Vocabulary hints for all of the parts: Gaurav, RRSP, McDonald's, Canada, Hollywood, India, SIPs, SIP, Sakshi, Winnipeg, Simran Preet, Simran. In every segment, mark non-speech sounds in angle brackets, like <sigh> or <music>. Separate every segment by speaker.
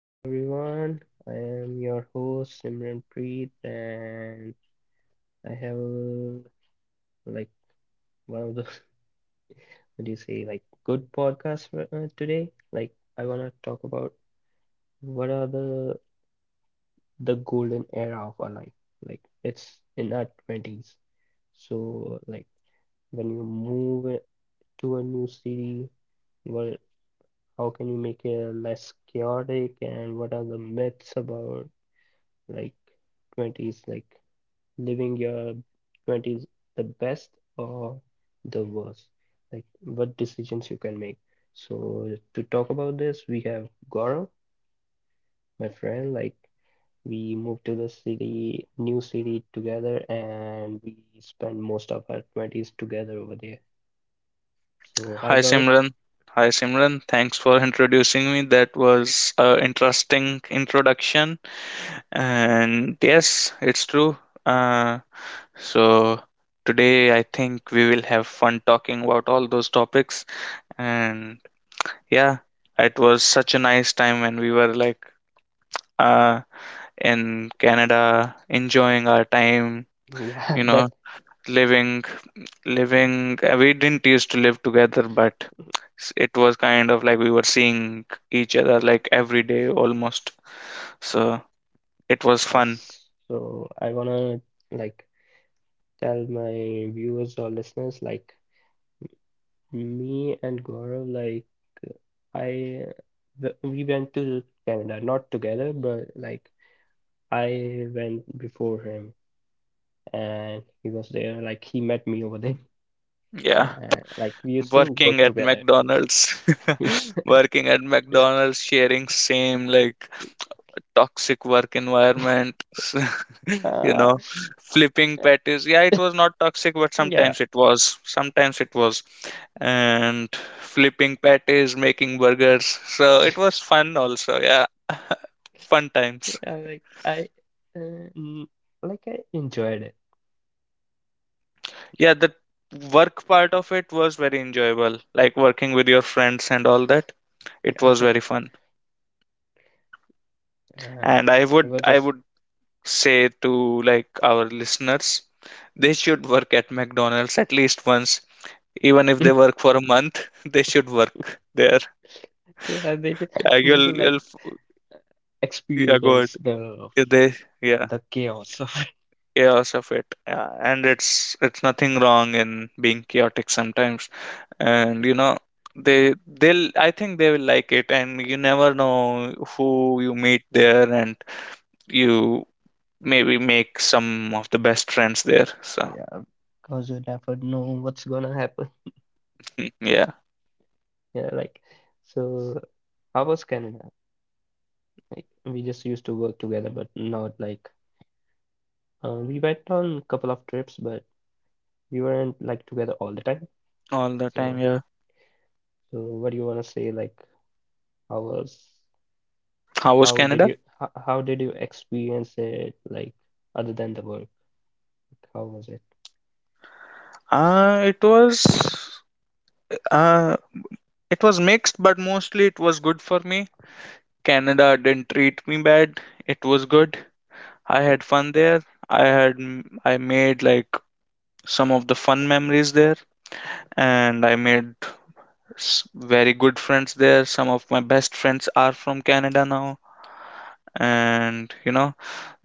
Speaker 1: Hey everyone, I am your host Simran Preet, and I have like one of the <laughs> what do you say like good podcasts for, today. Like I wanna talk about what are the golden era of our life. Like it's in our twenties. So like when you move it to a new city, what how can you make it less chaotic, and what are the myths about like twenties like living your 20s the best or the worst like what decisions you can make so to talk about this we have Gaurav my friend like we moved to the city new city together and we spent most of our 20s together over there so hi
Speaker 2: Hi
Speaker 1: Gaurav
Speaker 2: Simran. Thanks for introducing me. That was an interesting introduction. And yes, it's true. Uh, so today I think we will have fun talking about all those topics. And yeah, it was such a nice time when we were uh, in Canada enjoying our time,
Speaker 1: yeah
Speaker 2: you
Speaker 1: <laughs>
Speaker 2: know,
Speaker 1: that's
Speaker 2: living living we didn't used to live together but it was kind of like we were seeing each other like every day almost, so it was fun.
Speaker 1: yes so I wanna like tell my viewers or listeners like me and Gaurav like I we went to Canada, not together, but like I went before him and he was there. Like he met me over there. <laughs>
Speaker 2: Yeah,
Speaker 1: And like we used to
Speaker 2: working
Speaker 1: work
Speaker 2: at
Speaker 1: together. <laughs>
Speaker 2: McDonald's.
Speaker 1: Yeah,
Speaker 2: <laughs> Working at
Speaker 1: yeah.
Speaker 2: McDonald's, sharing same like toxic work
Speaker 1: <laughs>
Speaker 2: environment, <laughs> you
Speaker 1: Uh,
Speaker 2: know, flipping patties. Yeah, it was not toxic, but
Speaker 1: yeah,
Speaker 2: sometimes it was. And flipping patties, making burgers. So it was fun also. Yeah, <laughs> fun times.
Speaker 1: <laughs> yeah, uh, mm, like I enjoyed it.
Speaker 2: Yeah, the work part of it was very enjoyable, like working with your friends and all that. It
Speaker 1: Yeah.
Speaker 2: was
Speaker 1: <laughs>
Speaker 2: very fun.
Speaker 1: Uh,
Speaker 2: And I
Speaker 1: it
Speaker 2: would,
Speaker 1: was
Speaker 2: I
Speaker 1: just
Speaker 2: would say to like our listeners, they should work at McDonald's at least once. Even if they
Speaker 1: <laughs>
Speaker 2: work for a month, <laughs> they should work there.
Speaker 1: yeah, they should,
Speaker 2: Yeah,
Speaker 1: they should like
Speaker 2: yeah, good.
Speaker 1: experience the
Speaker 2: They, yeah,
Speaker 1: the chaos of it. <laughs>
Speaker 2: chaos of it. Yeah, and it's nothing wrong in being chaotic sometimes. And you
Speaker 1: Yeah.
Speaker 2: know, I think they will like it. And you never know who you meet there, and you maybe make some of the best friends there. So,
Speaker 1: Yeah, because you never know what's gonna happen. <laughs>
Speaker 2: yeah,
Speaker 1: Yeah, like so how was Canada? Like we just used to work together, but not like we went on a couple of trips, but we weren't like together all the time.
Speaker 2: all the time.
Speaker 1: So
Speaker 2: Yeah.
Speaker 1: so what do you wanna say? Like how was
Speaker 2: How was
Speaker 1: how did
Speaker 2: Canada?
Speaker 1: you how, how did you experience it? Like other than the work, Like, how was it?
Speaker 2: Uh, it was. Uh, It was mixed, but mostly it was good for me. Canada didn't treat me bad. It was good. I
Speaker 1: Okay.
Speaker 2: had fun there. I had I made like some of the fun memories there, and I made s- very good friends there. Some of my best friends are from Canada now, and you know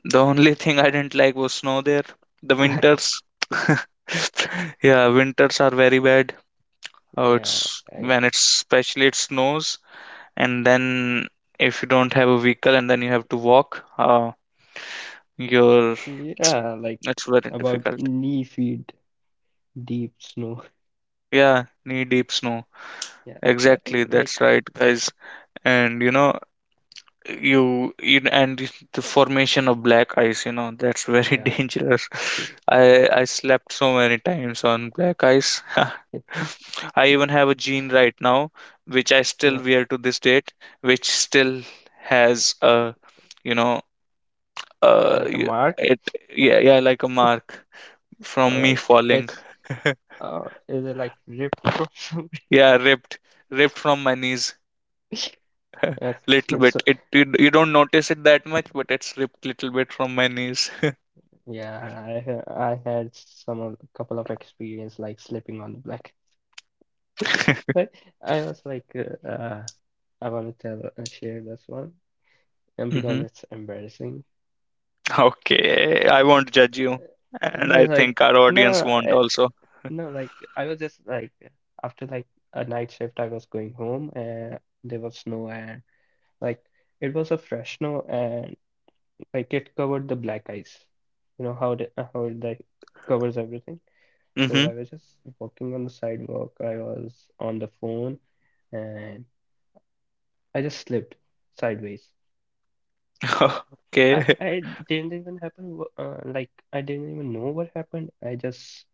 Speaker 2: the only <laughs> thing I didn't like was snow there. The winters,
Speaker 1: <laughs>
Speaker 2: <laughs> yeah, winters are very bad. Oh,
Speaker 1: Yeah.
Speaker 2: it's
Speaker 1: I,
Speaker 2: when it's especially it snows and then if you don't have a vehicle and then you have to walk, you're
Speaker 1: yeah. Like
Speaker 2: it's very
Speaker 1: about
Speaker 2: difficult.
Speaker 1: knee feet deep snow.
Speaker 2: Yeah, knee deep snow,
Speaker 1: <laughs> Yeah, I think
Speaker 2: exactly,
Speaker 1: like
Speaker 2: that's right guys. And you know, you and the formation of black ice, you know, that's very <laughs>
Speaker 1: Yeah,
Speaker 2: dangerous. I slept so many times on black ice.
Speaker 1: it,
Speaker 2: <laughs> I even have a jean right now which I still
Speaker 1: yeah,
Speaker 2: wear to this date, which still has a you know
Speaker 1: like a
Speaker 2: y-
Speaker 1: mark,
Speaker 2: it yeah, yeah, like a mark from
Speaker 1: or
Speaker 2: me
Speaker 1: like
Speaker 2: falling.
Speaker 1: it's
Speaker 2: <laughs>
Speaker 1: is it like ripped from <laughs> somewhere?
Speaker 2: Yeah, ripped from my knees.
Speaker 1: Okay,
Speaker 2: Little bit,
Speaker 1: so
Speaker 2: you don't notice it that much but it's ripped little bit from my knees.
Speaker 1: yeah, I had some of, a couple of experience like slipping on the black, <laughs> but I was like, I want to tell share this one, and
Speaker 2: <laughs> Hmm,
Speaker 1: because it's embarrassing, uh,
Speaker 2: okay, I won't
Speaker 1: it's,
Speaker 2: judge you.
Speaker 1: uh, and
Speaker 2: And I
Speaker 1: then
Speaker 2: think
Speaker 1: like
Speaker 2: our audience
Speaker 1: no,
Speaker 2: won't also.
Speaker 1: no, like I was just like after like a night shift, I was going home, and there was snow and. Like it was a Fresno and like it covered the black ice. You know how it like covers everything. So
Speaker 2: Hmm.
Speaker 1: I was just walking on the sidewalk. I was on the phone and I just slipped sideways.
Speaker 2: <laughs>
Speaker 1: I,
Speaker 2: Okay.
Speaker 1: I didn't even happen wh- like I didn't even know what happened. I just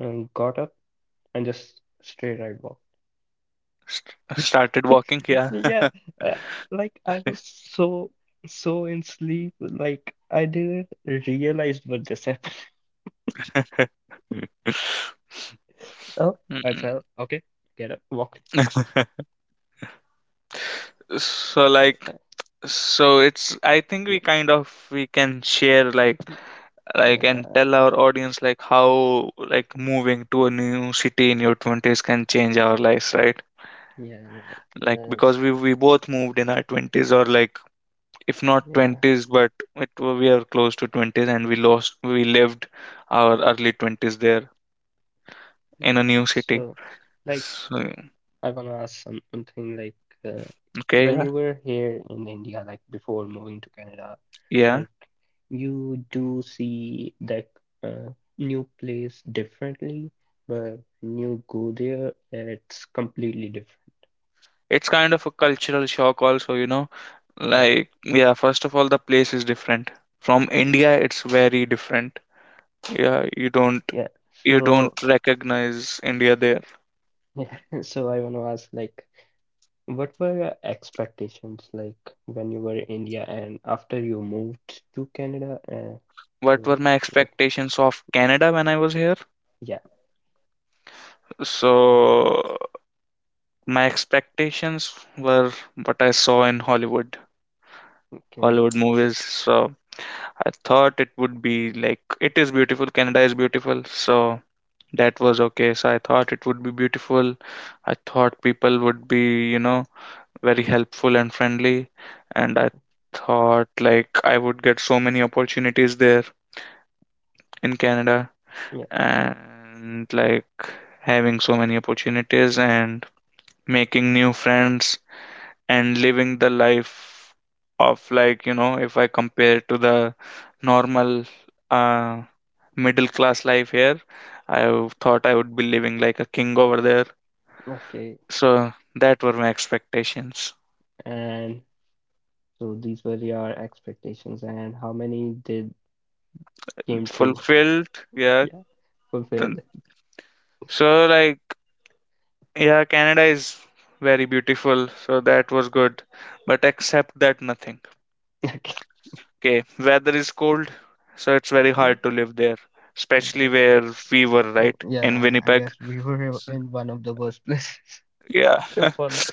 Speaker 1: got up and just straight right walk.
Speaker 2: St- started walking, yeah.
Speaker 1: Yeah, uh, like I was so in sleep, like I didn't realize what this happened.
Speaker 2: <laughs>
Speaker 1: Oh, I
Speaker 2: Mm.
Speaker 1: fell. Okay, get up, walk.
Speaker 2: <laughs> So like,
Speaker 1: uh,
Speaker 2: so it's, I think
Speaker 1: yeah,
Speaker 2: we kind of we can share like and
Speaker 1: yeah,
Speaker 2: tell our audience like how, like moving to a new city in your 20s can change our lives, right?
Speaker 1: yeah. that-
Speaker 2: Like because
Speaker 1: That's
Speaker 2: we both moved in our 20s, or like if not
Speaker 1: yeah,
Speaker 2: 20s but it, we are close to 20s and we lived our early 20s there in
Speaker 1: yeah.
Speaker 2: a new city.
Speaker 1: So, like,
Speaker 2: So
Speaker 1: I wanna ask something like,
Speaker 2: okay,
Speaker 1: when
Speaker 2: yeah,
Speaker 1: you were here in India, like before moving to Canada,
Speaker 2: yeah,
Speaker 1: like, you do see that uh, new place differently, but when you go there, it's completely different.
Speaker 2: it's kind of a cultural shock also, you know.
Speaker 1: Yeah,
Speaker 2: Like yeah, first of all the place is different from India, it's very different. Yeah,
Speaker 1: yeah.
Speaker 2: you
Speaker 1: So,
Speaker 2: don't recognize India there.
Speaker 1: <laughs> yeah. So I wanna ask like. What were your expectations like when you were in India and after you moved to Canada?
Speaker 2: What were
Speaker 1: So
Speaker 2: my
Speaker 1: what?
Speaker 2: expectations of Canada when I was here?
Speaker 1: Yeah.
Speaker 2: So, my expectations were what I saw in
Speaker 1: Okay.
Speaker 2: Hollywood movies. So, I thought it would be like, it is beautiful, Canada is beautiful. So, that was okay. So, I thought it would be beautiful. I thought people would be, you know, very helpful and friendly. And I
Speaker 1: Okay,
Speaker 2: thought like I would get so many opportunities there in Canada,
Speaker 1: Yeah.
Speaker 2: and like having so many opportunities and making new friends and living the life of, like, you know, if I compare to the normal uh, middle class life here, thought I would be living like a king over there.
Speaker 1: Okay.
Speaker 2: So that were my expectations.
Speaker 1: And so these were your expectations, and how many did came true? <laughs>
Speaker 2: Fulfilled, yeah.
Speaker 1: Yeah,
Speaker 2: Then-
Speaker 1: fulfilled. <laughs>
Speaker 2: so like, yeah, Canada is very beautiful, so that was good, but except that nothing.
Speaker 1: Okay.
Speaker 2: Okay, weather is cold, so it's very
Speaker 1: Mm.
Speaker 2: hard to live there,
Speaker 1: Yeah,
Speaker 2: especially
Speaker 1: I guess.
Speaker 2: where we were,
Speaker 1: Mm.
Speaker 2: right? In
Speaker 1: Yeah, I
Speaker 2: Winnipeg.
Speaker 1: guess we were
Speaker 2: So,
Speaker 1: in one of the worst places.
Speaker 2: yeah,
Speaker 1: <laughs>
Speaker 2: <laughs>
Speaker 1: For the,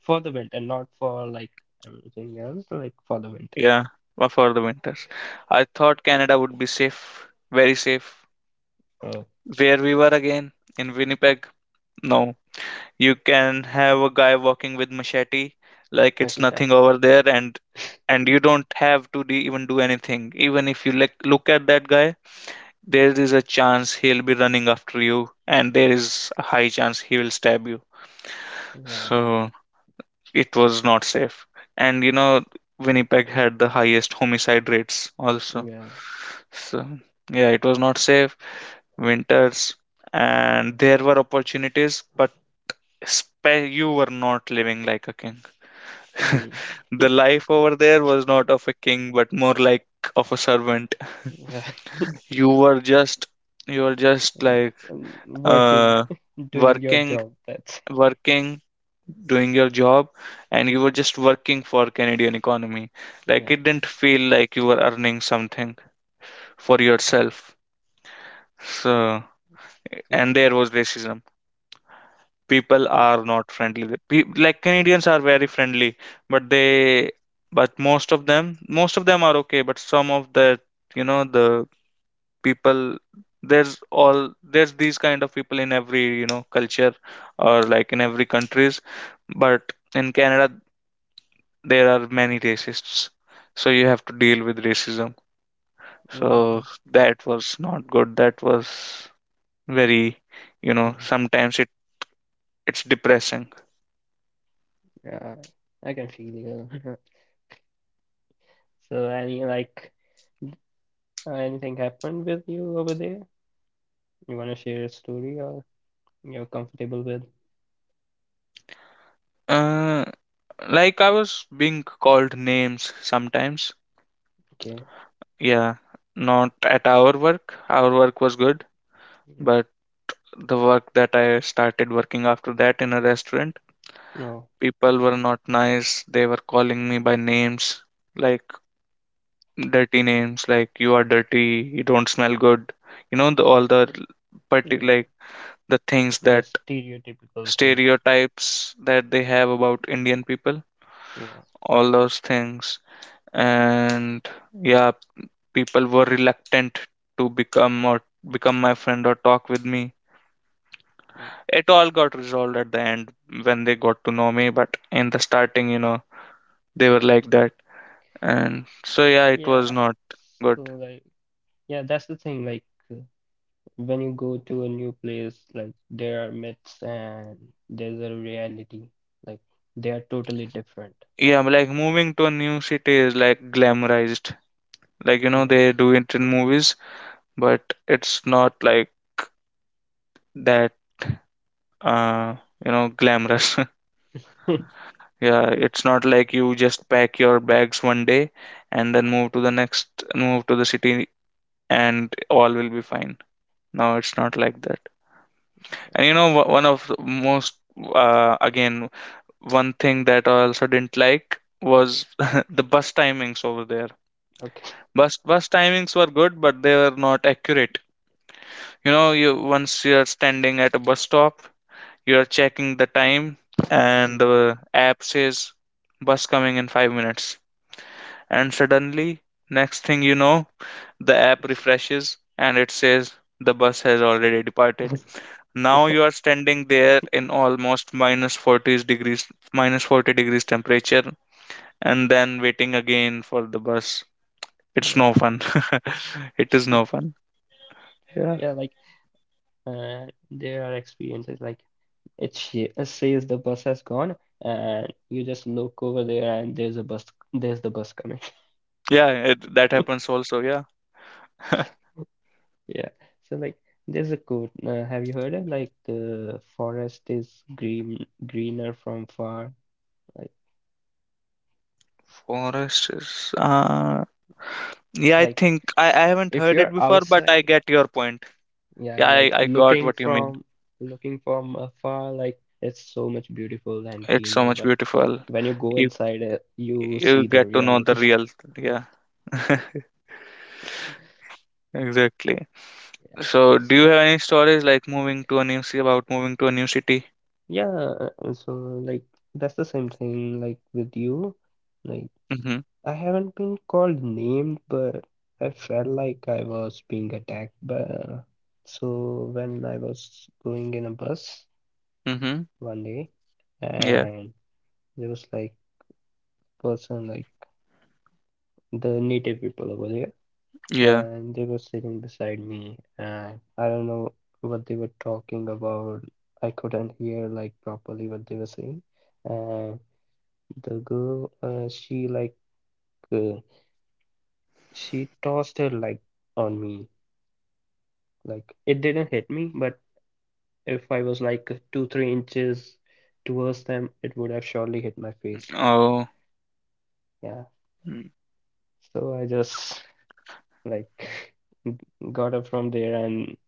Speaker 1: for the winter, not for like everything else, like for the winter.
Speaker 2: yeah, for the winters. I thought Canada would be safe, very safe.
Speaker 1: <laughs> Oh,
Speaker 2: Where we were again, in Winnipeg, no. You can have a guy walking with machete like
Speaker 1: <laughs>
Speaker 2: it's
Speaker 1: yeah,
Speaker 2: nothing over there, and you don't have to even do anything. Even if you like look at that guy, there is a chance he'll be running after you, and there is a high chance he will stab you.
Speaker 1: yeah,
Speaker 2: So it was not safe. And you know, Winnipeg had the highest homicide rates also.
Speaker 1: yeah.
Speaker 2: So yeah, it was not safe. Winters, and there were opportunities, but you were not living like a king.
Speaker 1: Mm.
Speaker 2: <laughs> The life over there was not of a king, but more like of a servant.
Speaker 1: Yeah,
Speaker 2: You were just, you were just like
Speaker 1: <laughs> working,
Speaker 2: uh,
Speaker 1: <laughs> doing your
Speaker 2: working
Speaker 1: job. That's
Speaker 2: working, doing your job, and you were just working for Canadian economy. Like,
Speaker 1: yeah.
Speaker 2: it didn't feel like you were earning something for yourself. So,
Speaker 1: So
Speaker 2: and there was racism. People
Speaker 1: mm,
Speaker 2: are not friendly. Like Canadians are very friendly, but they, but most of them are okay, but some of the, you know, the people, there's these kind of people in every, you know, culture or like in every countries, but in Canada there are many racists, so you have to deal with racism. So
Speaker 1: yeah,
Speaker 2: that was not good, that was very, you know, sometimes it, it's depressing.
Speaker 1: <laughs> yeah, I can feel you. <laughs> So any like anything happened with you over there? You wanna share a story or you're comfortable with?
Speaker 2: Uh, like I was being called names sometimes.
Speaker 1: Okay.
Speaker 2: Yeah, not at our work, our work was good,
Speaker 1: Yeah.
Speaker 2: but the work that I started working after that in a restaurant,
Speaker 1: No.
Speaker 2: people
Speaker 1: Okay.
Speaker 2: were not nice. They were calling me by names, like dirty names, like you are dirty, you don't smell good. You know, the, all the parti
Speaker 1: Yeah.
Speaker 2: like the things
Speaker 1: The
Speaker 2: that,
Speaker 1: stereotypical things.
Speaker 2: stereotypes that they have about Indian people,
Speaker 1: Yeah.
Speaker 2: all those things. And yeah, people were reluctant to become my friend or talk with me.
Speaker 1: Okay.
Speaker 2: It all got resolved at the end when they got to know me, but in the starting, you know, they were like that. And so yeah, it was
Speaker 1: Yeah.
Speaker 2: not good.
Speaker 1: So like yeah, that's the thing. Like. uh, When you go to a new place, like there are myths and there's a reality. Like they are totally different.
Speaker 2: Yeah, like moving to a new city is like glamorized. Like you know,
Speaker 1: Yeah.
Speaker 2: they do it in movies, but it's not like that, uh, you know, glamorous. <laughs>
Speaker 1: <laughs>
Speaker 2: Yeah, it's not like you just pack your bags one day and then move to the city and all will be fine. No, it's not like that. And you know, one of the most, again, one thing that I also didn't like was <laughs> the bus timings over there.
Speaker 1: Okay.
Speaker 2: Bus timings were good, but they were not accurate. You know, you
Speaker 1: Yeah.
Speaker 2: once you're standing at a bus stop, you're checking the time, and
Speaker 1: Mm.
Speaker 2: the app says bus coming in 5 minutes. And suddenly, next thing you know, the app refreshes and it says the bus has already departed.
Speaker 1: <laughs> Yeah.
Speaker 2: Now you are standing there in almost minus 40 degrees, temperature, and then waiting again for the bus. It's no
Speaker 1: Yeah.
Speaker 2: fun. <laughs> It is no fun.
Speaker 1: <laughs>
Speaker 2: Yeah.
Speaker 1: Yeah, like there are experiences like says the bus has gone, and you just look over there, and there's a bus. There's the bus coming.
Speaker 2: Yeah, it, that
Speaker 1: <laughs>
Speaker 2: happens also. Yeah. <laughs>
Speaker 1: Yeah. So like, there's a quote. Have you heard it? Like the forest is green, greener from far. Like,
Speaker 2: Forest is, yeah, I
Speaker 1: like,
Speaker 2: think I haven't
Speaker 1: if
Speaker 2: heard it
Speaker 1: you're
Speaker 2: before, but I
Speaker 1: outside,
Speaker 2: get your point.
Speaker 1: yeah,
Speaker 2: Yeah, I,
Speaker 1: like
Speaker 2: I got
Speaker 1: looking
Speaker 2: what you mean.
Speaker 1: from looking from afar, like it's so much beautiful and
Speaker 2: It's so
Speaker 1: cleaner.
Speaker 2: much
Speaker 1: But
Speaker 2: beautiful.
Speaker 1: when you go
Speaker 2: You
Speaker 1: inside, you
Speaker 2: you
Speaker 1: see the
Speaker 2: get to know the
Speaker 1: reality. <laughs>
Speaker 2: real. Yeah, <laughs> exactly.
Speaker 1: Yeah.
Speaker 2: So, do you
Speaker 1: So,
Speaker 2: have any stories like moving to a new city,
Speaker 1: yeah. So like that's the same thing like with you. Like
Speaker 2: Mm-hmm.
Speaker 1: I haven't been called named, but I felt like I was being attacked. But so when I was going in a bus
Speaker 2: Mm-hmm.
Speaker 1: one day,
Speaker 2: Yeah.
Speaker 1: and there was like person like the native people over there,
Speaker 2: Yeah.
Speaker 1: and they were sitting beside me, and I don't know what they were talking about. I couldn't hear like properly what they were saying, and the girl, uh, she tossed her like on me, like it didn't hit me, but if I was like 2 3 inches towards them, it would have surely hit my face.
Speaker 2: Oh.
Speaker 1: Yeah,
Speaker 2: Mm,
Speaker 1: so I just like <laughs> got up from there and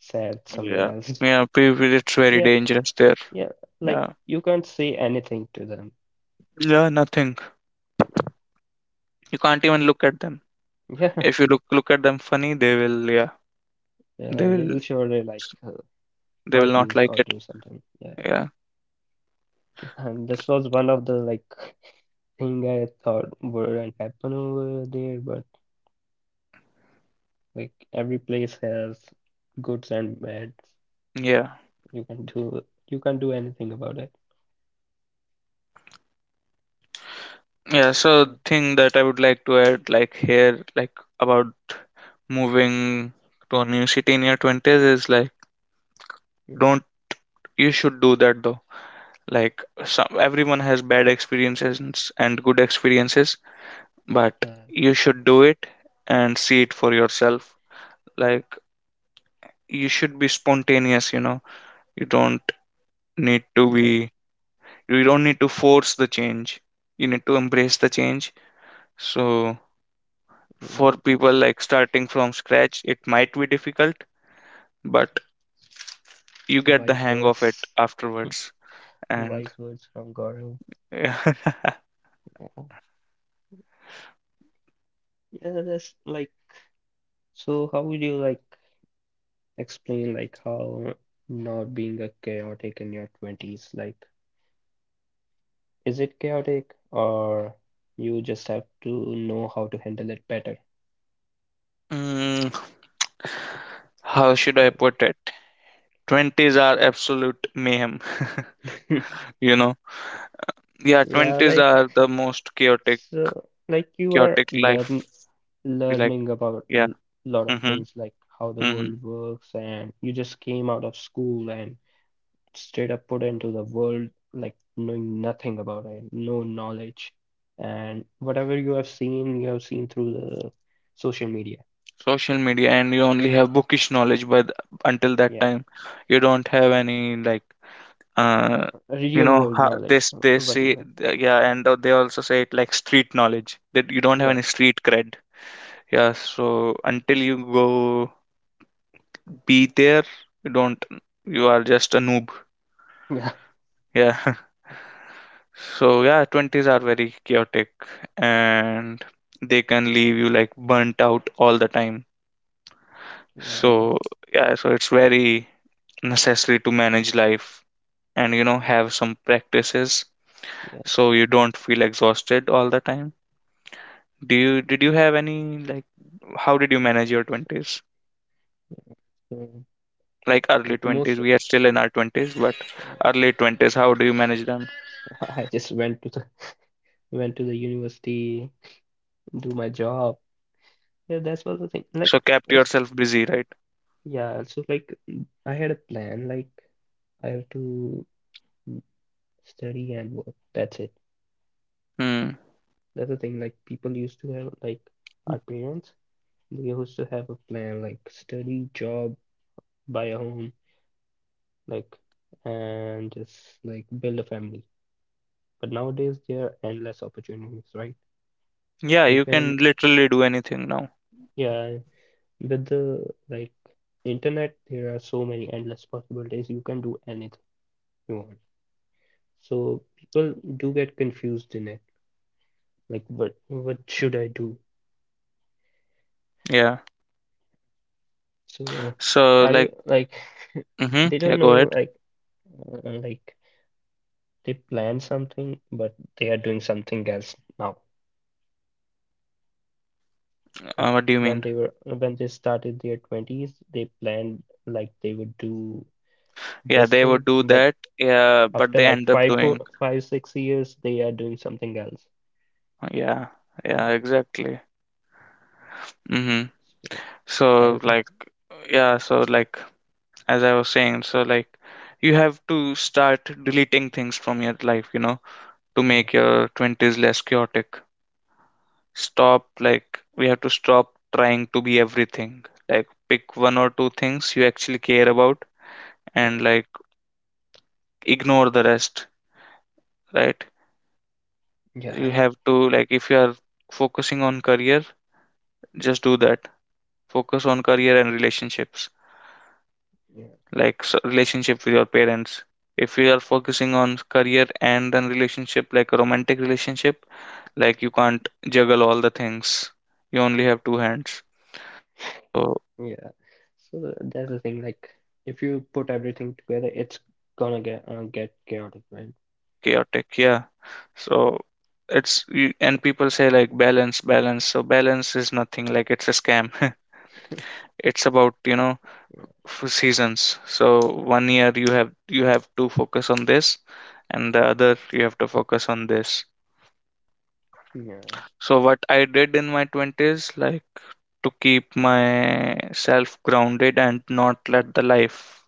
Speaker 1: sat
Speaker 2: yeah.
Speaker 1: somewhere else. <laughs>
Speaker 2: Yeah. It's very
Speaker 1: Yeah,
Speaker 2: dangerous there.
Speaker 1: yeah, like
Speaker 2: Yeah.
Speaker 1: you can't say anything to them.
Speaker 2: Yeah. Nothing. You can't even look at them.
Speaker 1: <laughs> Yeah,
Speaker 2: If you look at them funny, they will. Yeah. They
Speaker 1: yeah, they
Speaker 2: will.
Speaker 1: will surely like
Speaker 2: They will
Speaker 1: hurt you
Speaker 2: not like
Speaker 1: or
Speaker 2: it.
Speaker 1: do something. Yeah,
Speaker 2: Yeah.
Speaker 1: <laughs> and this was one of the like <laughs> thing I thought wouldn't happen over there, but like every place has goods and bads.
Speaker 2: Yeah.
Speaker 1: You can do you can't do anything about it.
Speaker 2: Yeah. So,
Speaker 1: Yeah,
Speaker 2: thing that I would like to add, like here, like about moving to a new city in your twenties, is like
Speaker 1: yeah,
Speaker 2: don't. You should do that though. Like, some, everyone has bad experiences and good experiences, but
Speaker 1: uh,
Speaker 2: you should do it and see it for yourself. Like, you should be spontaneous, you know. you don't need to
Speaker 1: yeah.
Speaker 2: be you don't need to force the change, you need to embrace the change. So for people
Speaker 1: That's
Speaker 2: like starting from scratch it might be difficult, but you get the
Speaker 1: wise
Speaker 2: hang of it
Speaker 1: words. <laughs>
Speaker 2: afterwards. And
Speaker 1: Wise words from Gaurav.
Speaker 2: <laughs>
Speaker 1: Yeah, yeah. That's like so. How would you like? Explain like how not being a chaotic in your 20s like is it chaotic or you just have to know how to handle it better.
Speaker 2: mm, how should I
Speaker 1: Well,
Speaker 2: put it? 20s are absolute mayhem. <laughs>
Speaker 1: <laughs>
Speaker 2: You know, yeah,
Speaker 1: yeah
Speaker 2: 20s
Speaker 1: like
Speaker 2: are the most chaotic,
Speaker 1: so like you are
Speaker 2: chaotic life,
Speaker 1: learn
Speaker 2: like,
Speaker 1: learning about
Speaker 2: yeah.
Speaker 1: a lot of
Speaker 2: Mm-hmm,
Speaker 1: things like how the
Speaker 2: mm-hmm.
Speaker 1: world works and you just came out of school and straight up put into the world like knowing nothing about it no knowledge and whatever you have seen through the social media.
Speaker 2: Social media, and you only have bookish knowledge, but until that
Speaker 1: Yeah,
Speaker 2: time you don't have any, like, uh you
Speaker 1: real
Speaker 2: know
Speaker 1: world
Speaker 2: how
Speaker 1: knowledge.
Speaker 2: this they
Speaker 1: What you
Speaker 2: say.
Speaker 1: have.
Speaker 2: Yeah, and they also say it like street knowledge, that you don't have
Speaker 1: Yeah,
Speaker 2: any street cred. Yeah, so until you go be there, you don't, you are just a noob.
Speaker 1: <laughs> yeah,
Speaker 2: Yeah. <laughs> So yeah, 20s are very chaotic, and they can leave you like burnt out all the time.
Speaker 1: yeah,
Speaker 2: So yeah, so it's very necessary to manage life and you know have some practices
Speaker 1: yeah.
Speaker 2: so you don't feel exhausted all the time. Do you did you have any, like, how did you manage your
Speaker 1: So,
Speaker 2: 20s?
Speaker 1: so,
Speaker 2: Like, early
Speaker 1: like most,
Speaker 2: 20s, we are still in our 20s, but
Speaker 1: <laughs>
Speaker 2: early 20s, how do you manage them?
Speaker 1: I just went to the university, do my job. Yeah, that's what the thing. Like
Speaker 2: So kept
Speaker 1: it's
Speaker 2: yourself busy, right?
Speaker 1: yeah. So like I had a plan. Like I have to mm, study and work. That's it.
Speaker 2: Hmm.
Speaker 1: That's the thing. Like people used to have like our parents. They used to have a plan like study, job, buy a home like and just like build a family. But nowadays there are endless opportunities, right?
Speaker 2: Yeah,
Speaker 1: You
Speaker 2: you
Speaker 1: can
Speaker 2: can literally do anything now.
Speaker 1: yeah, with the like internet there are so many endless possibilities. You can do anything you want. So people do get confused in it. Like what should I do?
Speaker 2: Yeah.
Speaker 1: So
Speaker 2: So
Speaker 1: are
Speaker 2: like,
Speaker 1: you like <laughs>
Speaker 2: mm-hmm,
Speaker 1: they
Speaker 2: yeah,
Speaker 1: don't
Speaker 2: go
Speaker 1: know
Speaker 2: ahead.
Speaker 1: like they plan something but they are doing something else now. Like
Speaker 2: What do you
Speaker 1: when
Speaker 2: mean?
Speaker 1: they were when they started their 20s, they planned like they would do
Speaker 2: Yeah,
Speaker 1: this
Speaker 2: they would
Speaker 1: thing,
Speaker 2: do
Speaker 1: but
Speaker 2: that. Yeah, but
Speaker 1: after
Speaker 2: they
Speaker 1: like
Speaker 2: end up
Speaker 1: five,
Speaker 2: doing.
Speaker 1: four, five, 6 years, they are doing something else.
Speaker 2: Yeah, yeah,
Speaker 1: Yeah.
Speaker 2: exactly. Mm-hmm.
Speaker 1: So I
Speaker 2: So
Speaker 1: think
Speaker 2: like, yeah, so like, as I was saying, so like, you have to start deleting things from your life, you know, to
Speaker 1: yeah,
Speaker 2: make your twenties less chaotic. Stop, like, we have to stop trying to be everything. Like, pick one or two things you actually care about,
Speaker 1: yeah,
Speaker 2: and, like, ignore the rest. Right?
Speaker 1: yeah,
Speaker 2: You have to, like, if you are focusing on career, just do that. Focus on career and relationships,
Speaker 1: yeah,
Speaker 2: like, so, relationship with your parents. If you are focusing on career and then relationship, like a romantic relationship, like, you can't juggle all the things. You only have two hands, so
Speaker 1: yeah. So that's the thing. Like if you put everything together, it's gonna get chaotic, right?
Speaker 2: chaotic, yeah. So it's and people say like balance, balance, so balance is nothing, like it's a scam. <laughs> It's about, you know,
Speaker 1: Yeah,
Speaker 2: seasons. So one year you have, you have to focus on this, and the other you have to focus on this.
Speaker 1: yeah,
Speaker 2: So what I did in my 20s, like, to keep myself grounded and not let the life,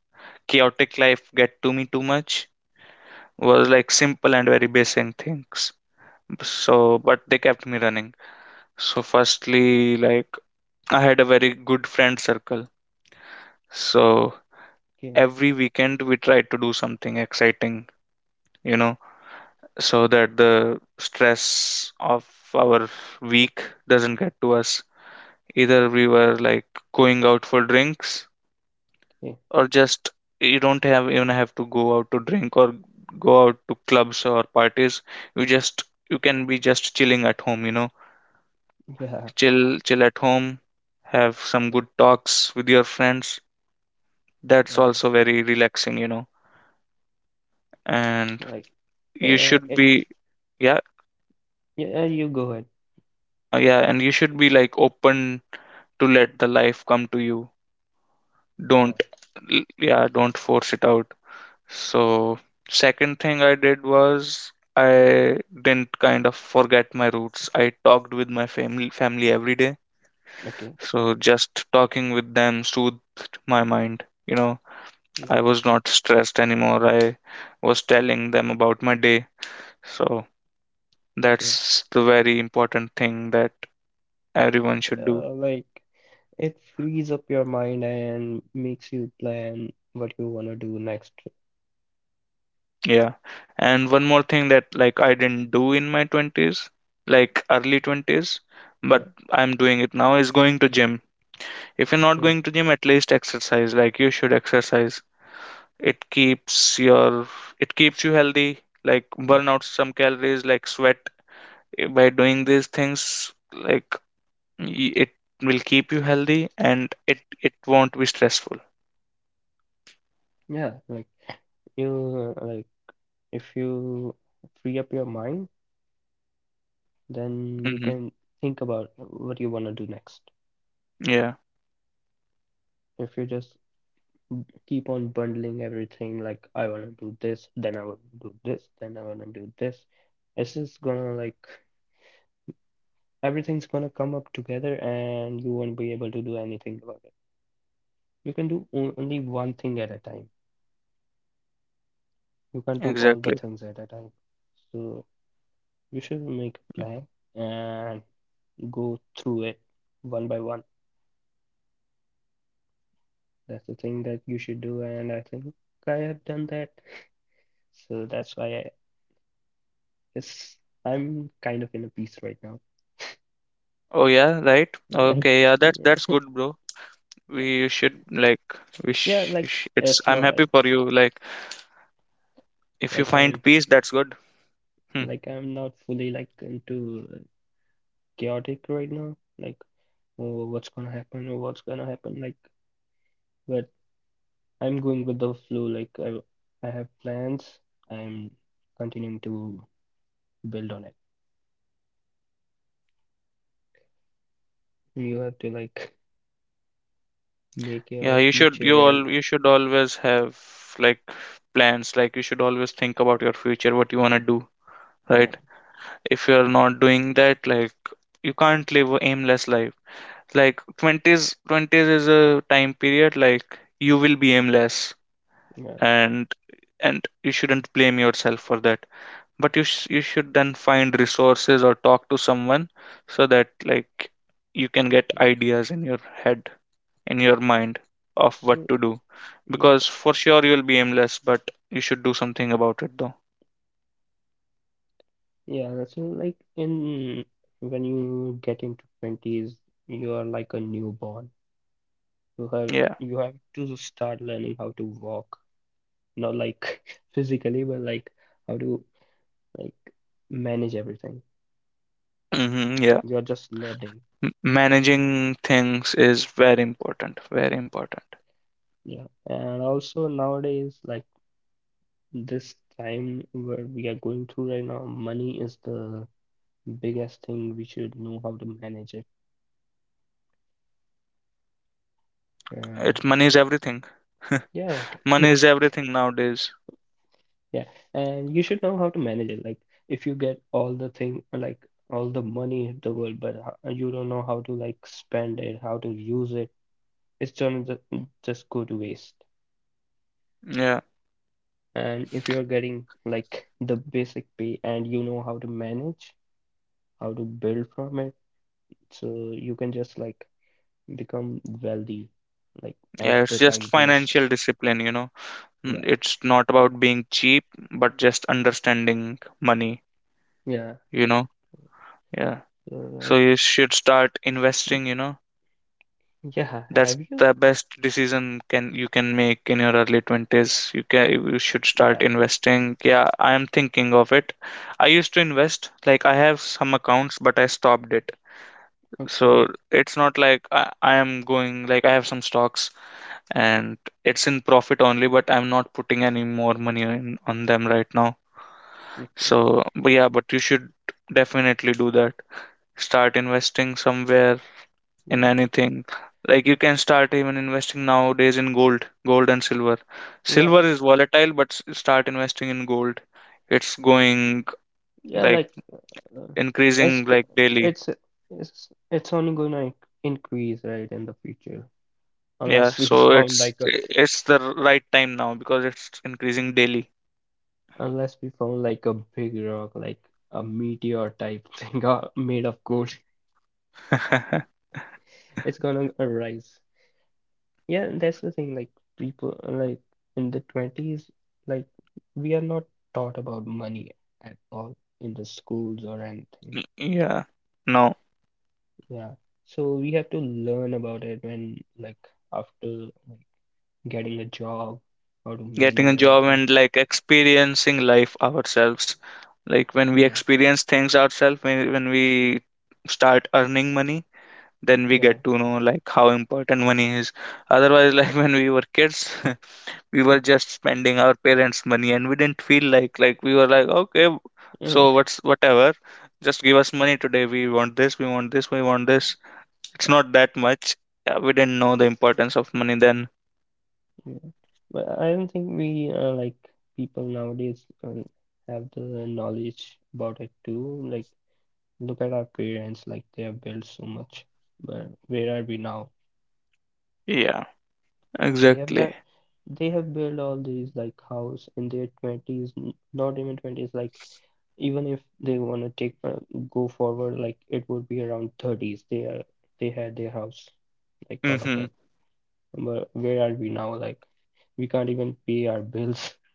Speaker 2: chaotic life, get to me too much, was like simple and very basic things. So, but they kept me running. So firstly, like, I had a very good friend circle. So
Speaker 1: yeah,
Speaker 2: every weekend we tried to do something exciting, you know, so that the stress of our week doesn't get to us. Either we were like going out for drinks
Speaker 1: yeah,
Speaker 2: or just, you don't have even have to go out to drink or go out to clubs or parties. You just, you can be just chilling at home, you know.
Speaker 1: yeah.
Speaker 2: Chill at home, have some good talks with your friends. That's
Speaker 1: Yeah.
Speaker 2: also very relaxing, you know. And
Speaker 1: Like
Speaker 2: you should
Speaker 1: it's
Speaker 2: be, yeah,
Speaker 1: yeah. You go ahead.
Speaker 2: yeah, and you should be like open to let the life come to you,
Speaker 1: Yeah.
Speaker 2: don't, yeah, don't force it out. So second thing I did was I didn't kind of forget my roots. I talked with my family every day.
Speaker 1: Okay.
Speaker 2: So just talking with them soothed my mind, you know. I
Speaker 1: Yeah.
Speaker 2: was not stressed anymore. I was telling them about my day. So
Speaker 1: Okay.
Speaker 2: that's the very important thing that everyone should do.
Speaker 1: Like it frees up your mind and makes you plan what you want to do next.
Speaker 2: Yeah. And one more thing that, like, I didn't do in my 20s, like early 20s,
Speaker 1: Yeah,
Speaker 2: but I'm doing it now, is going to gym. If you're not
Speaker 1: okay.
Speaker 2: going to gym, at least exercise. Like, you should exercise. It keeps your, it keeps you healthy, like
Speaker 1: Yeah,
Speaker 2: burn out some calories, like sweat. By doing these things, like, it will keep you healthy, and it won't be stressful.
Speaker 1: yeah. Like like if you free up your mind, then you
Speaker 2: Mm-hmm.
Speaker 1: can think about what you want to do next.
Speaker 2: Yeah,
Speaker 1: If you just keep on bundling everything, like I want to do this, then I want to do this, then I want to do this, it's just gonna like everything's gonna come up together, and you won't be able to do anything about it. You can do only one thing at a time. You can't do all the
Speaker 2: exactly.
Speaker 1: things at a time. So you should make a plan and go through it one by one. That's the thing that you should do, and I think I have done that. So that's why it's, I'm kind of in a peace right now.
Speaker 2: Oh yeah, right.
Speaker 1: Yeah,
Speaker 2: Okay, yeah,
Speaker 1: <laughs>
Speaker 2: that's
Speaker 1: yeah,
Speaker 2: good, bro.
Speaker 1: yeah,
Speaker 2: We should like, we
Speaker 1: yeah.
Speaker 2: sh- you
Speaker 1: Like
Speaker 2: sh- it's,
Speaker 1: it's
Speaker 2: I'm
Speaker 1: not like
Speaker 2: happy for you, like, if you
Speaker 1: I'm
Speaker 2: find peace, that's good. Hmm.
Speaker 1: not fully like into chaotic right now. Like oh, what's gonna happen or what's gonna happen like. But I'm going with the flow. Like I have plans. I'm continuing to build on it. You have to like make your
Speaker 2: Yeah, you should
Speaker 1: future
Speaker 2: you all
Speaker 1: right.
Speaker 2: you should always have, like, plans. Like, you should always think about your future, what you want to do,
Speaker 1: Yeah,
Speaker 2: right? If you're not doing that, like, you can't live a aimless life. Like, 20s is a time period, like, you will be aimless,
Speaker 1: yeah,
Speaker 2: and you shouldn't blame yourself for that. But you should then find resources or talk to someone, so that, like, you can get
Speaker 1: yeah.
Speaker 2: ideas in your head, in your mind, of what
Speaker 1: So
Speaker 2: to do.
Speaker 1: yeah,
Speaker 2: Because for sure you'll be aimless, but you should do something about it though.
Speaker 1: yeah. That's all, like in when you get into twenties, you are like a newborn. You have
Speaker 2: Yeah.
Speaker 1: you have to start learning how to walk. Not like <laughs> physically, but like how to like manage everything.
Speaker 2: Hmm. Yeah.
Speaker 1: You're just learning.
Speaker 2: M- Managing things is very important, very important.
Speaker 1: Yeah, and also nowadays, like, this time where we are going through right now, money is the biggest thing. We should know how to manage it. Uh,
Speaker 2: It's, money is everything.
Speaker 1: yeah,
Speaker 2: <laughs> Money is everything nowadays.
Speaker 1: <laughs> yeah, and you should know how to manage it. Like, if you get all the thing, like all the money in the world, but you don't know how to, like, spend it, how to use it, it's gonna just go to waste.
Speaker 2: Yeah.
Speaker 1: And if you're getting like the basic pay and you know how to manage, how to build from it, so you can just like become wealthy like
Speaker 2: Yeah,
Speaker 1: as
Speaker 2: it's
Speaker 1: the
Speaker 2: just
Speaker 1: time goes.
Speaker 2: financial discipline, you know. Mm.
Speaker 1: Yeah.
Speaker 2: It's not about being cheap, but just understanding money,
Speaker 1: Yeah.
Speaker 2: you know? Yeah.
Speaker 1: So
Speaker 2: So you
Speaker 1: like
Speaker 2: should start
Speaker 1: pe-
Speaker 2: investing, you know?
Speaker 1: yeah,
Speaker 2: That's
Speaker 1: have you?
Speaker 2: the best decision can you can make in your early 20s. You can, you should start
Speaker 1: Yeah.
Speaker 2: investing. Yeah, I am thinking of it. I used to invest, like, I have some accounts, but I stopped it. So
Speaker 1: Okay.
Speaker 2: it's not like I am going, like, I have some stocks, and it's in profit only, but I'm not putting any more money in on them right now.
Speaker 1: Okay.
Speaker 2: So, but yeah, but you should definitely do that. Start investing somewhere, in
Speaker 1: Yeah.
Speaker 2: anything. Like, you can start even investing nowadays in gold, gold and silver.
Speaker 1: Yeah.
Speaker 2: Silver is volatile, but start investing in gold. It's going,
Speaker 1: Yeah,
Speaker 2: like,
Speaker 1: like uh, it's
Speaker 2: increasing, like,
Speaker 1: go-
Speaker 2: daily.
Speaker 1: it's it's it's only gonna increase, right, in the future
Speaker 2: Yeah,
Speaker 1: unless we <laughs>
Speaker 2: so
Speaker 1: found
Speaker 2: it's
Speaker 1: like a
Speaker 2: it's the right time now because it's increasing daily.
Speaker 1: unless we found like a big rock like a meteor type <laughs> thing made of gold. <laughs>
Speaker 2: <laughs>
Speaker 1: It's gonna rise. Yeah, and that's the thing. Like, people, like, in the 20s, like, we are not taught about money at all in the schools or anything.
Speaker 2: Yeah. No,
Speaker 1: Yeah. So we have to learn about it when, like, after like getting a job, how to
Speaker 2: getting
Speaker 1: manage
Speaker 2: a job
Speaker 1: everything.
Speaker 2: and, like, experiencing life ourselves. Like, when we
Speaker 1: Yeah.
Speaker 2: experience things ourselves, when we start earning money, then we
Speaker 1: Yeah.
Speaker 2: get
Speaker 1: <laughs>
Speaker 2: to know, like, how important money is. Otherwise, like, <laughs> when we were kids, <laughs> we were just spending our parents' money and we didn't feel like we were like, okay,
Speaker 1: Yeah.
Speaker 2: so
Speaker 1: Yeah.
Speaker 2: what's whatever, just give us money today. We want this, we want this, we want this. It's
Speaker 1: yeah,
Speaker 2: not that much. Yeah, we didn't know the importance of money then.
Speaker 1: yeah. But I don't think we like people nowadays have the knowledge about it too. Like, look at our parents, like they have built so much. But where are we now?
Speaker 2: Yeah,
Speaker 1: They have
Speaker 2: exactly.
Speaker 1: done, they have built all these like house in their 20s, not even 20s, like, even if they want to take go forward, like, it would be around 30s. They are, they had their house, like all of
Speaker 2: Mm-hmm.
Speaker 1: them. But where are we now? Like, we can't even pay our bills. <laughs>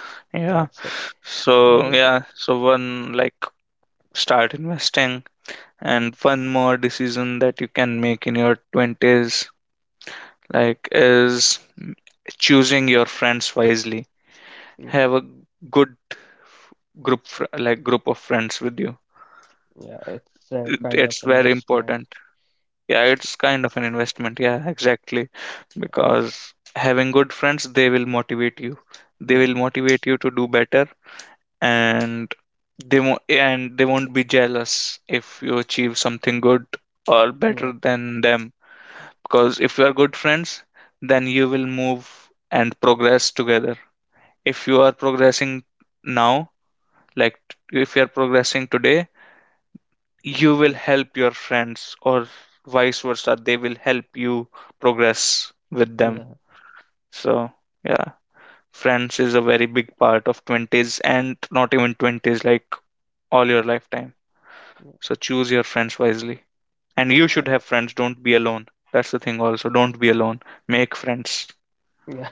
Speaker 2: <laughs> Yeah.
Speaker 1: Yeah, so that
Speaker 2: So
Speaker 1: is, a-
Speaker 2: yeah, so one, like, start investing. And one more decision that you can make in your 20s, like, is choosing your friends wisely. Have
Speaker 1: yeah,
Speaker 2: a good like group of friends with you.
Speaker 1: yeah, it's a kind of
Speaker 2: It's very
Speaker 1: investment.
Speaker 2: important. Yeah, it's kind of an investment. Yeah, exactly. Because having good friends, they will motivate you. They will
Speaker 1: Yeah,
Speaker 2: motivate you to do better. And they won't be jealous if you achieve something good or better
Speaker 1: yeah,
Speaker 2: than them, because if you are good friends, then you will move and progress together. If you are progressing now, like, if you are progressing today, you will
Speaker 1: yeah,
Speaker 2: help your friends, or vice versa, they will help you progress with them.
Speaker 1: yeah,
Speaker 2: So yeah, friends is a very big part of 20s, and not even 20s, like, all your lifetime.
Speaker 1: yeah,
Speaker 2: So choose your friends wisely, and you should have
Speaker 1: uh,
Speaker 2: friends, don't be alone. That's the thing, also, don't be alone, make friends.
Speaker 1: yeah.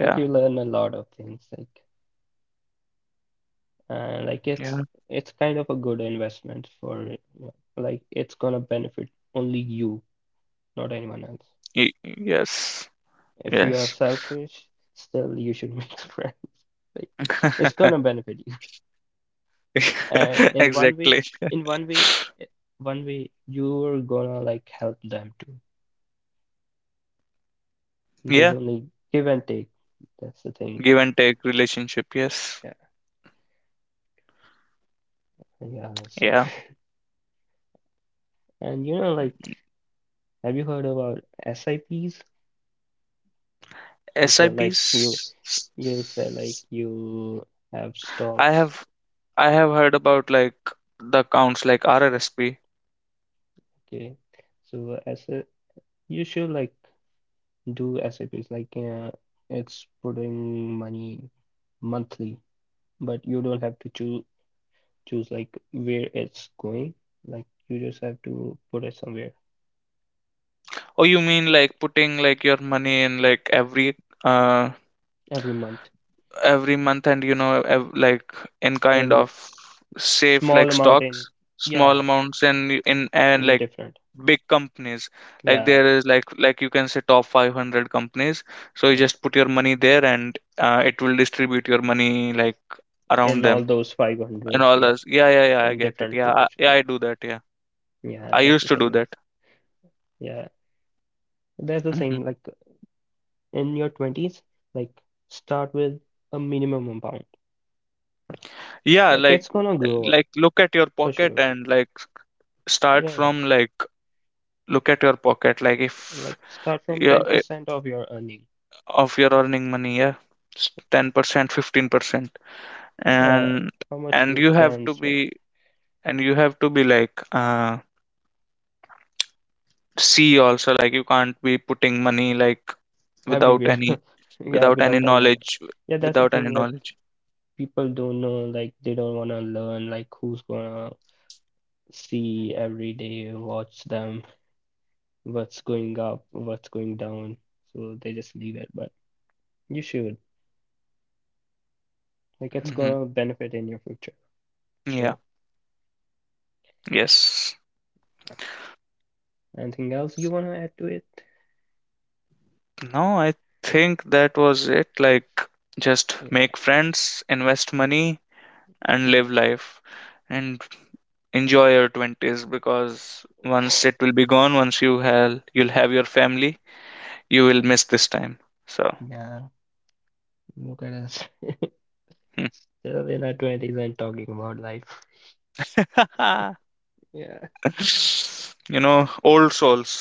Speaker 1: Like, you learn a lot of things, like, and like
Speaker 2: Yeah.
Speaker 1: it's kind of a good investment for, you know, like it's gonna benefit only you, not anyone else.
Speaker 2: Yes.
Speaker 1: If you are
Speaker 2: Yes.
Speaker 1: selfish, still you should make <laughs> friends. Like, it's
Speaker 2: <laughs>
Speaker 1: gonna benefit you. And
Speaker 2: Exactly.
Speaker 1: in one way, eh, one way you're gonna like help them too. There's
Speaker 2: Yeah.
Speaker 1: only give and take. That's the thing.
Speaker 2: Give and take relationship. Yes.
Speaker 1: Yeah, yeah. So,
Speaker 2: Yeah.
Speaker 1: <laughs> and you know, like, have you heard about SIPs? You
Speaker 2: S I
Speaker 1: said
Speaker 2: P's.
Speaker 1: like you Yes, like you have
Speaker 2: I
Speaker 1: stocks.
Speaker 2: have, I have heard about like the accounts like RRSP.
Speaker 1: Okay. So as a you should like do SIPs like it's putting money monthly, but you don't have to choose like where it's going. Like, you just have to put it somewhere
Speaker 2: Oh, you mean like putting like your money in like uh
Speaker 1: every month
Speaker 2: every month, and you know like, in kind of
Speaker 1: in
Speaker 2: safe
Speaker 1: small
Speaker 2: like
Speaker 1: amount in
Speaker 2: stocks, small
Speaker 1: yeah,
Speaker 2: amounts, and in and
Speaker 1: in
Speaker 2: like
Speaker 1: different.
Speaker 2: big companies. Like,
Speaker 1: Yeah,
Speaker 2: there is like you can say top 500 companies, so you
Speaker 1: yeah.
Speaker 2: just put your money there, and it will distribute your money like around
Speaker 1: In all
Speaker 2: them.
Speaker 1: those
Speaker 2: And
Speaker 1: 500s,
Speaker 2: all
Speaker 1: yeah,
Speaker 2: those, yeah, yeah, yeah, I
Speaker 1: in
Speaker 2: get it.
Speaker 1: different
Speaker 2: Yeah,
Speaker 1: proportion.
Speaker 2: yeah,
Speaker 1: Yeah.
Speaker 2: I do that. Yeah,
Speaker 1: Yeah,
Speaker 2: I
Speaker 1: that's the
Speaker 2: used to do
Speaker 1: thing like
Speaker 2: that.
Speaker 1: yeah. That's the
Speaker 2: Hmm.
Speaker 1: thing, like in your 20s, like start with a minimum amount.
Speaker 2: Yeah,
Speaker 1: Like
Speaker 2: like
Speaker 1: it's gonna grow up
Speaker 2: like look at your
Speaker 1: for
Speaker 2: pocket,
Speaker 1: sure.
Speaker 2: and, like, start
Speaker 1: Yeah,
Speaker 2: from, like, look at your pocket, like,
Speaker 1: and
Speaker 2: if,
Speaker 1: like start from
Speaker 2: yeah,
Speaker 1: 10% of your earning.
Speaker 2: of your earning money, yeah, 10%, 15%,
Speaker 1: Yeah,
Speaker 2: and,
Speaker 1: how much you
Speaker 2: you have
Speaker 1: can
Speaker 2: to
Speaker 1: spend
Speaker 2: be, and you have to be like, see, also, like, you can't be putting money like without
Speaker 1: everywhere.
Speaker 2: any,
Speaker 1: <laughs> Yeah,
Speaker 2: without any
Speaker 1: without an knowledge.
Speaker 2: knowledge
Speaker 1: Yeah, that's the thing. Like,
Speaker 2: knowledge.
Speaker 1: people don't know. Like, they don't wanna learn. Like, who's gonna see every day, watch them, what's going up, what's going down. So they just leave it. But you should. Like, it's
Speaker 2: Hmm.
Speaker 1: gonna benefit in your future for
Speaker 2: Yeah.
Speaker 1: sure.
Speaker 2: Yes.
Speaker 1: Anything else you wanna add to it?
Speaker 2: No, I think that was it, like, just
Speaker 1: Yeah,
Speaker 2: make friends, invest money, and live life, and enjoy your 20s, because once it will be gone, once you have, you'll have your family, you will miss this time, so.
Speaker 1: yeah. Look at us. Still in our twenties and talking about life.
Speaker 2: Hmm. <laughs>
Speaker 1: Yeah,
Speaker 2: You know, old souls,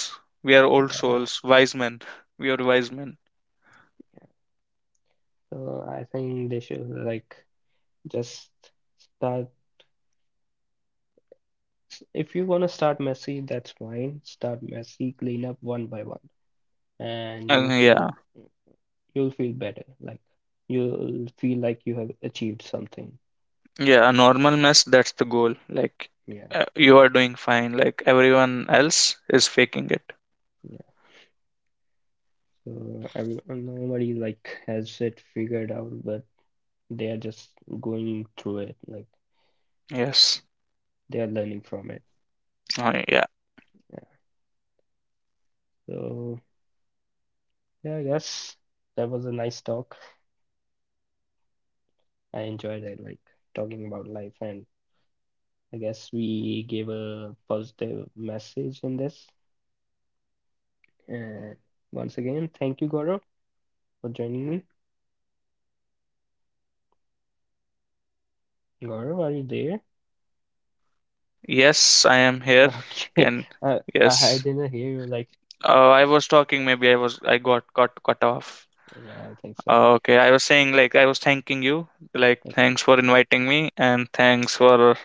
Speaker 2: we are old
Speaker 1: yeah,
Speaker 2: souls, wise men, we are wise men.
Speaker 1: yeah. So I think they should like just start. If you wanna start messy, that's fine. Start messy, clean up one by one, and
Speaker 2: Yeah.
Speaker 1: you'll feel better. Like, you'll feel like you have achieved something.
Speaker 2: Yeah, a normal mess, that's the goal. Like,
Speaker 1: Yeah,
Speaker 2: you are doing fine, like everyone else is faking it.
Speaker 1: yeah. So everyone, nobody like has it figured out, but they are just going through it, like
Speaker 2: Yes.
Speaker 1: they are learning from it.
Speaker 2: Oh, yeah.
Speaker 1: Yeah, so, yeah, I guess that was a nice talk. I enjoyed it, like talking about life. And I guess we gave a positive message in this. And once again, thank you, Gaurav, for joining me. Gaurav, are you there?
Speaker 2: Yes, I am here.
Speaker 1: Okay.
Speaker 2: Can,
Speaker 1: <laughs> I
Speaker 2: yes,
Speaker 1: didn't hear you. Like,
Speaker 2: I was talking, maybe I was, I got cut off.
Speaker 1: yeah, I think so.
Speaker 2: Oh, okay, I was saying, like, I was thanking you, like,
Speaker 1: Okay.
Speaker 2: thanks for inviting me, and thanks for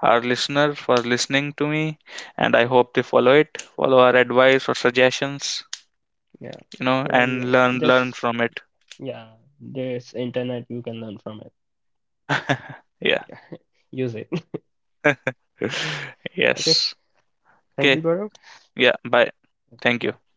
Speaker 2: our listener for listening to me, and I hope they follow it, follow our advice or suggestions,
Speaker 1: Yeah,
Speaker 2: you know,
Speaker 1: whatever you
Speaker 2: and
Speaker 1: want.
Speaker 2: learn
Speaker 1: Just
Speaker 2: from it.
Speaker 1: yeah, there's internet, you can learn from it.
Speaker 2: <laughs> Yeah.
Speaker 1: <laughs> Yeah, use it.
Speaker 2: <laughs>
Speaker 1: <laughs> Okay.
Speaker 2: Yes.
Speaker 1: Thank you,
Speaker 2: Okay.
Speaker 1: Gaurav.
Speaker 2: Yeah, bye. Thank you.
Speaker 1: Bye.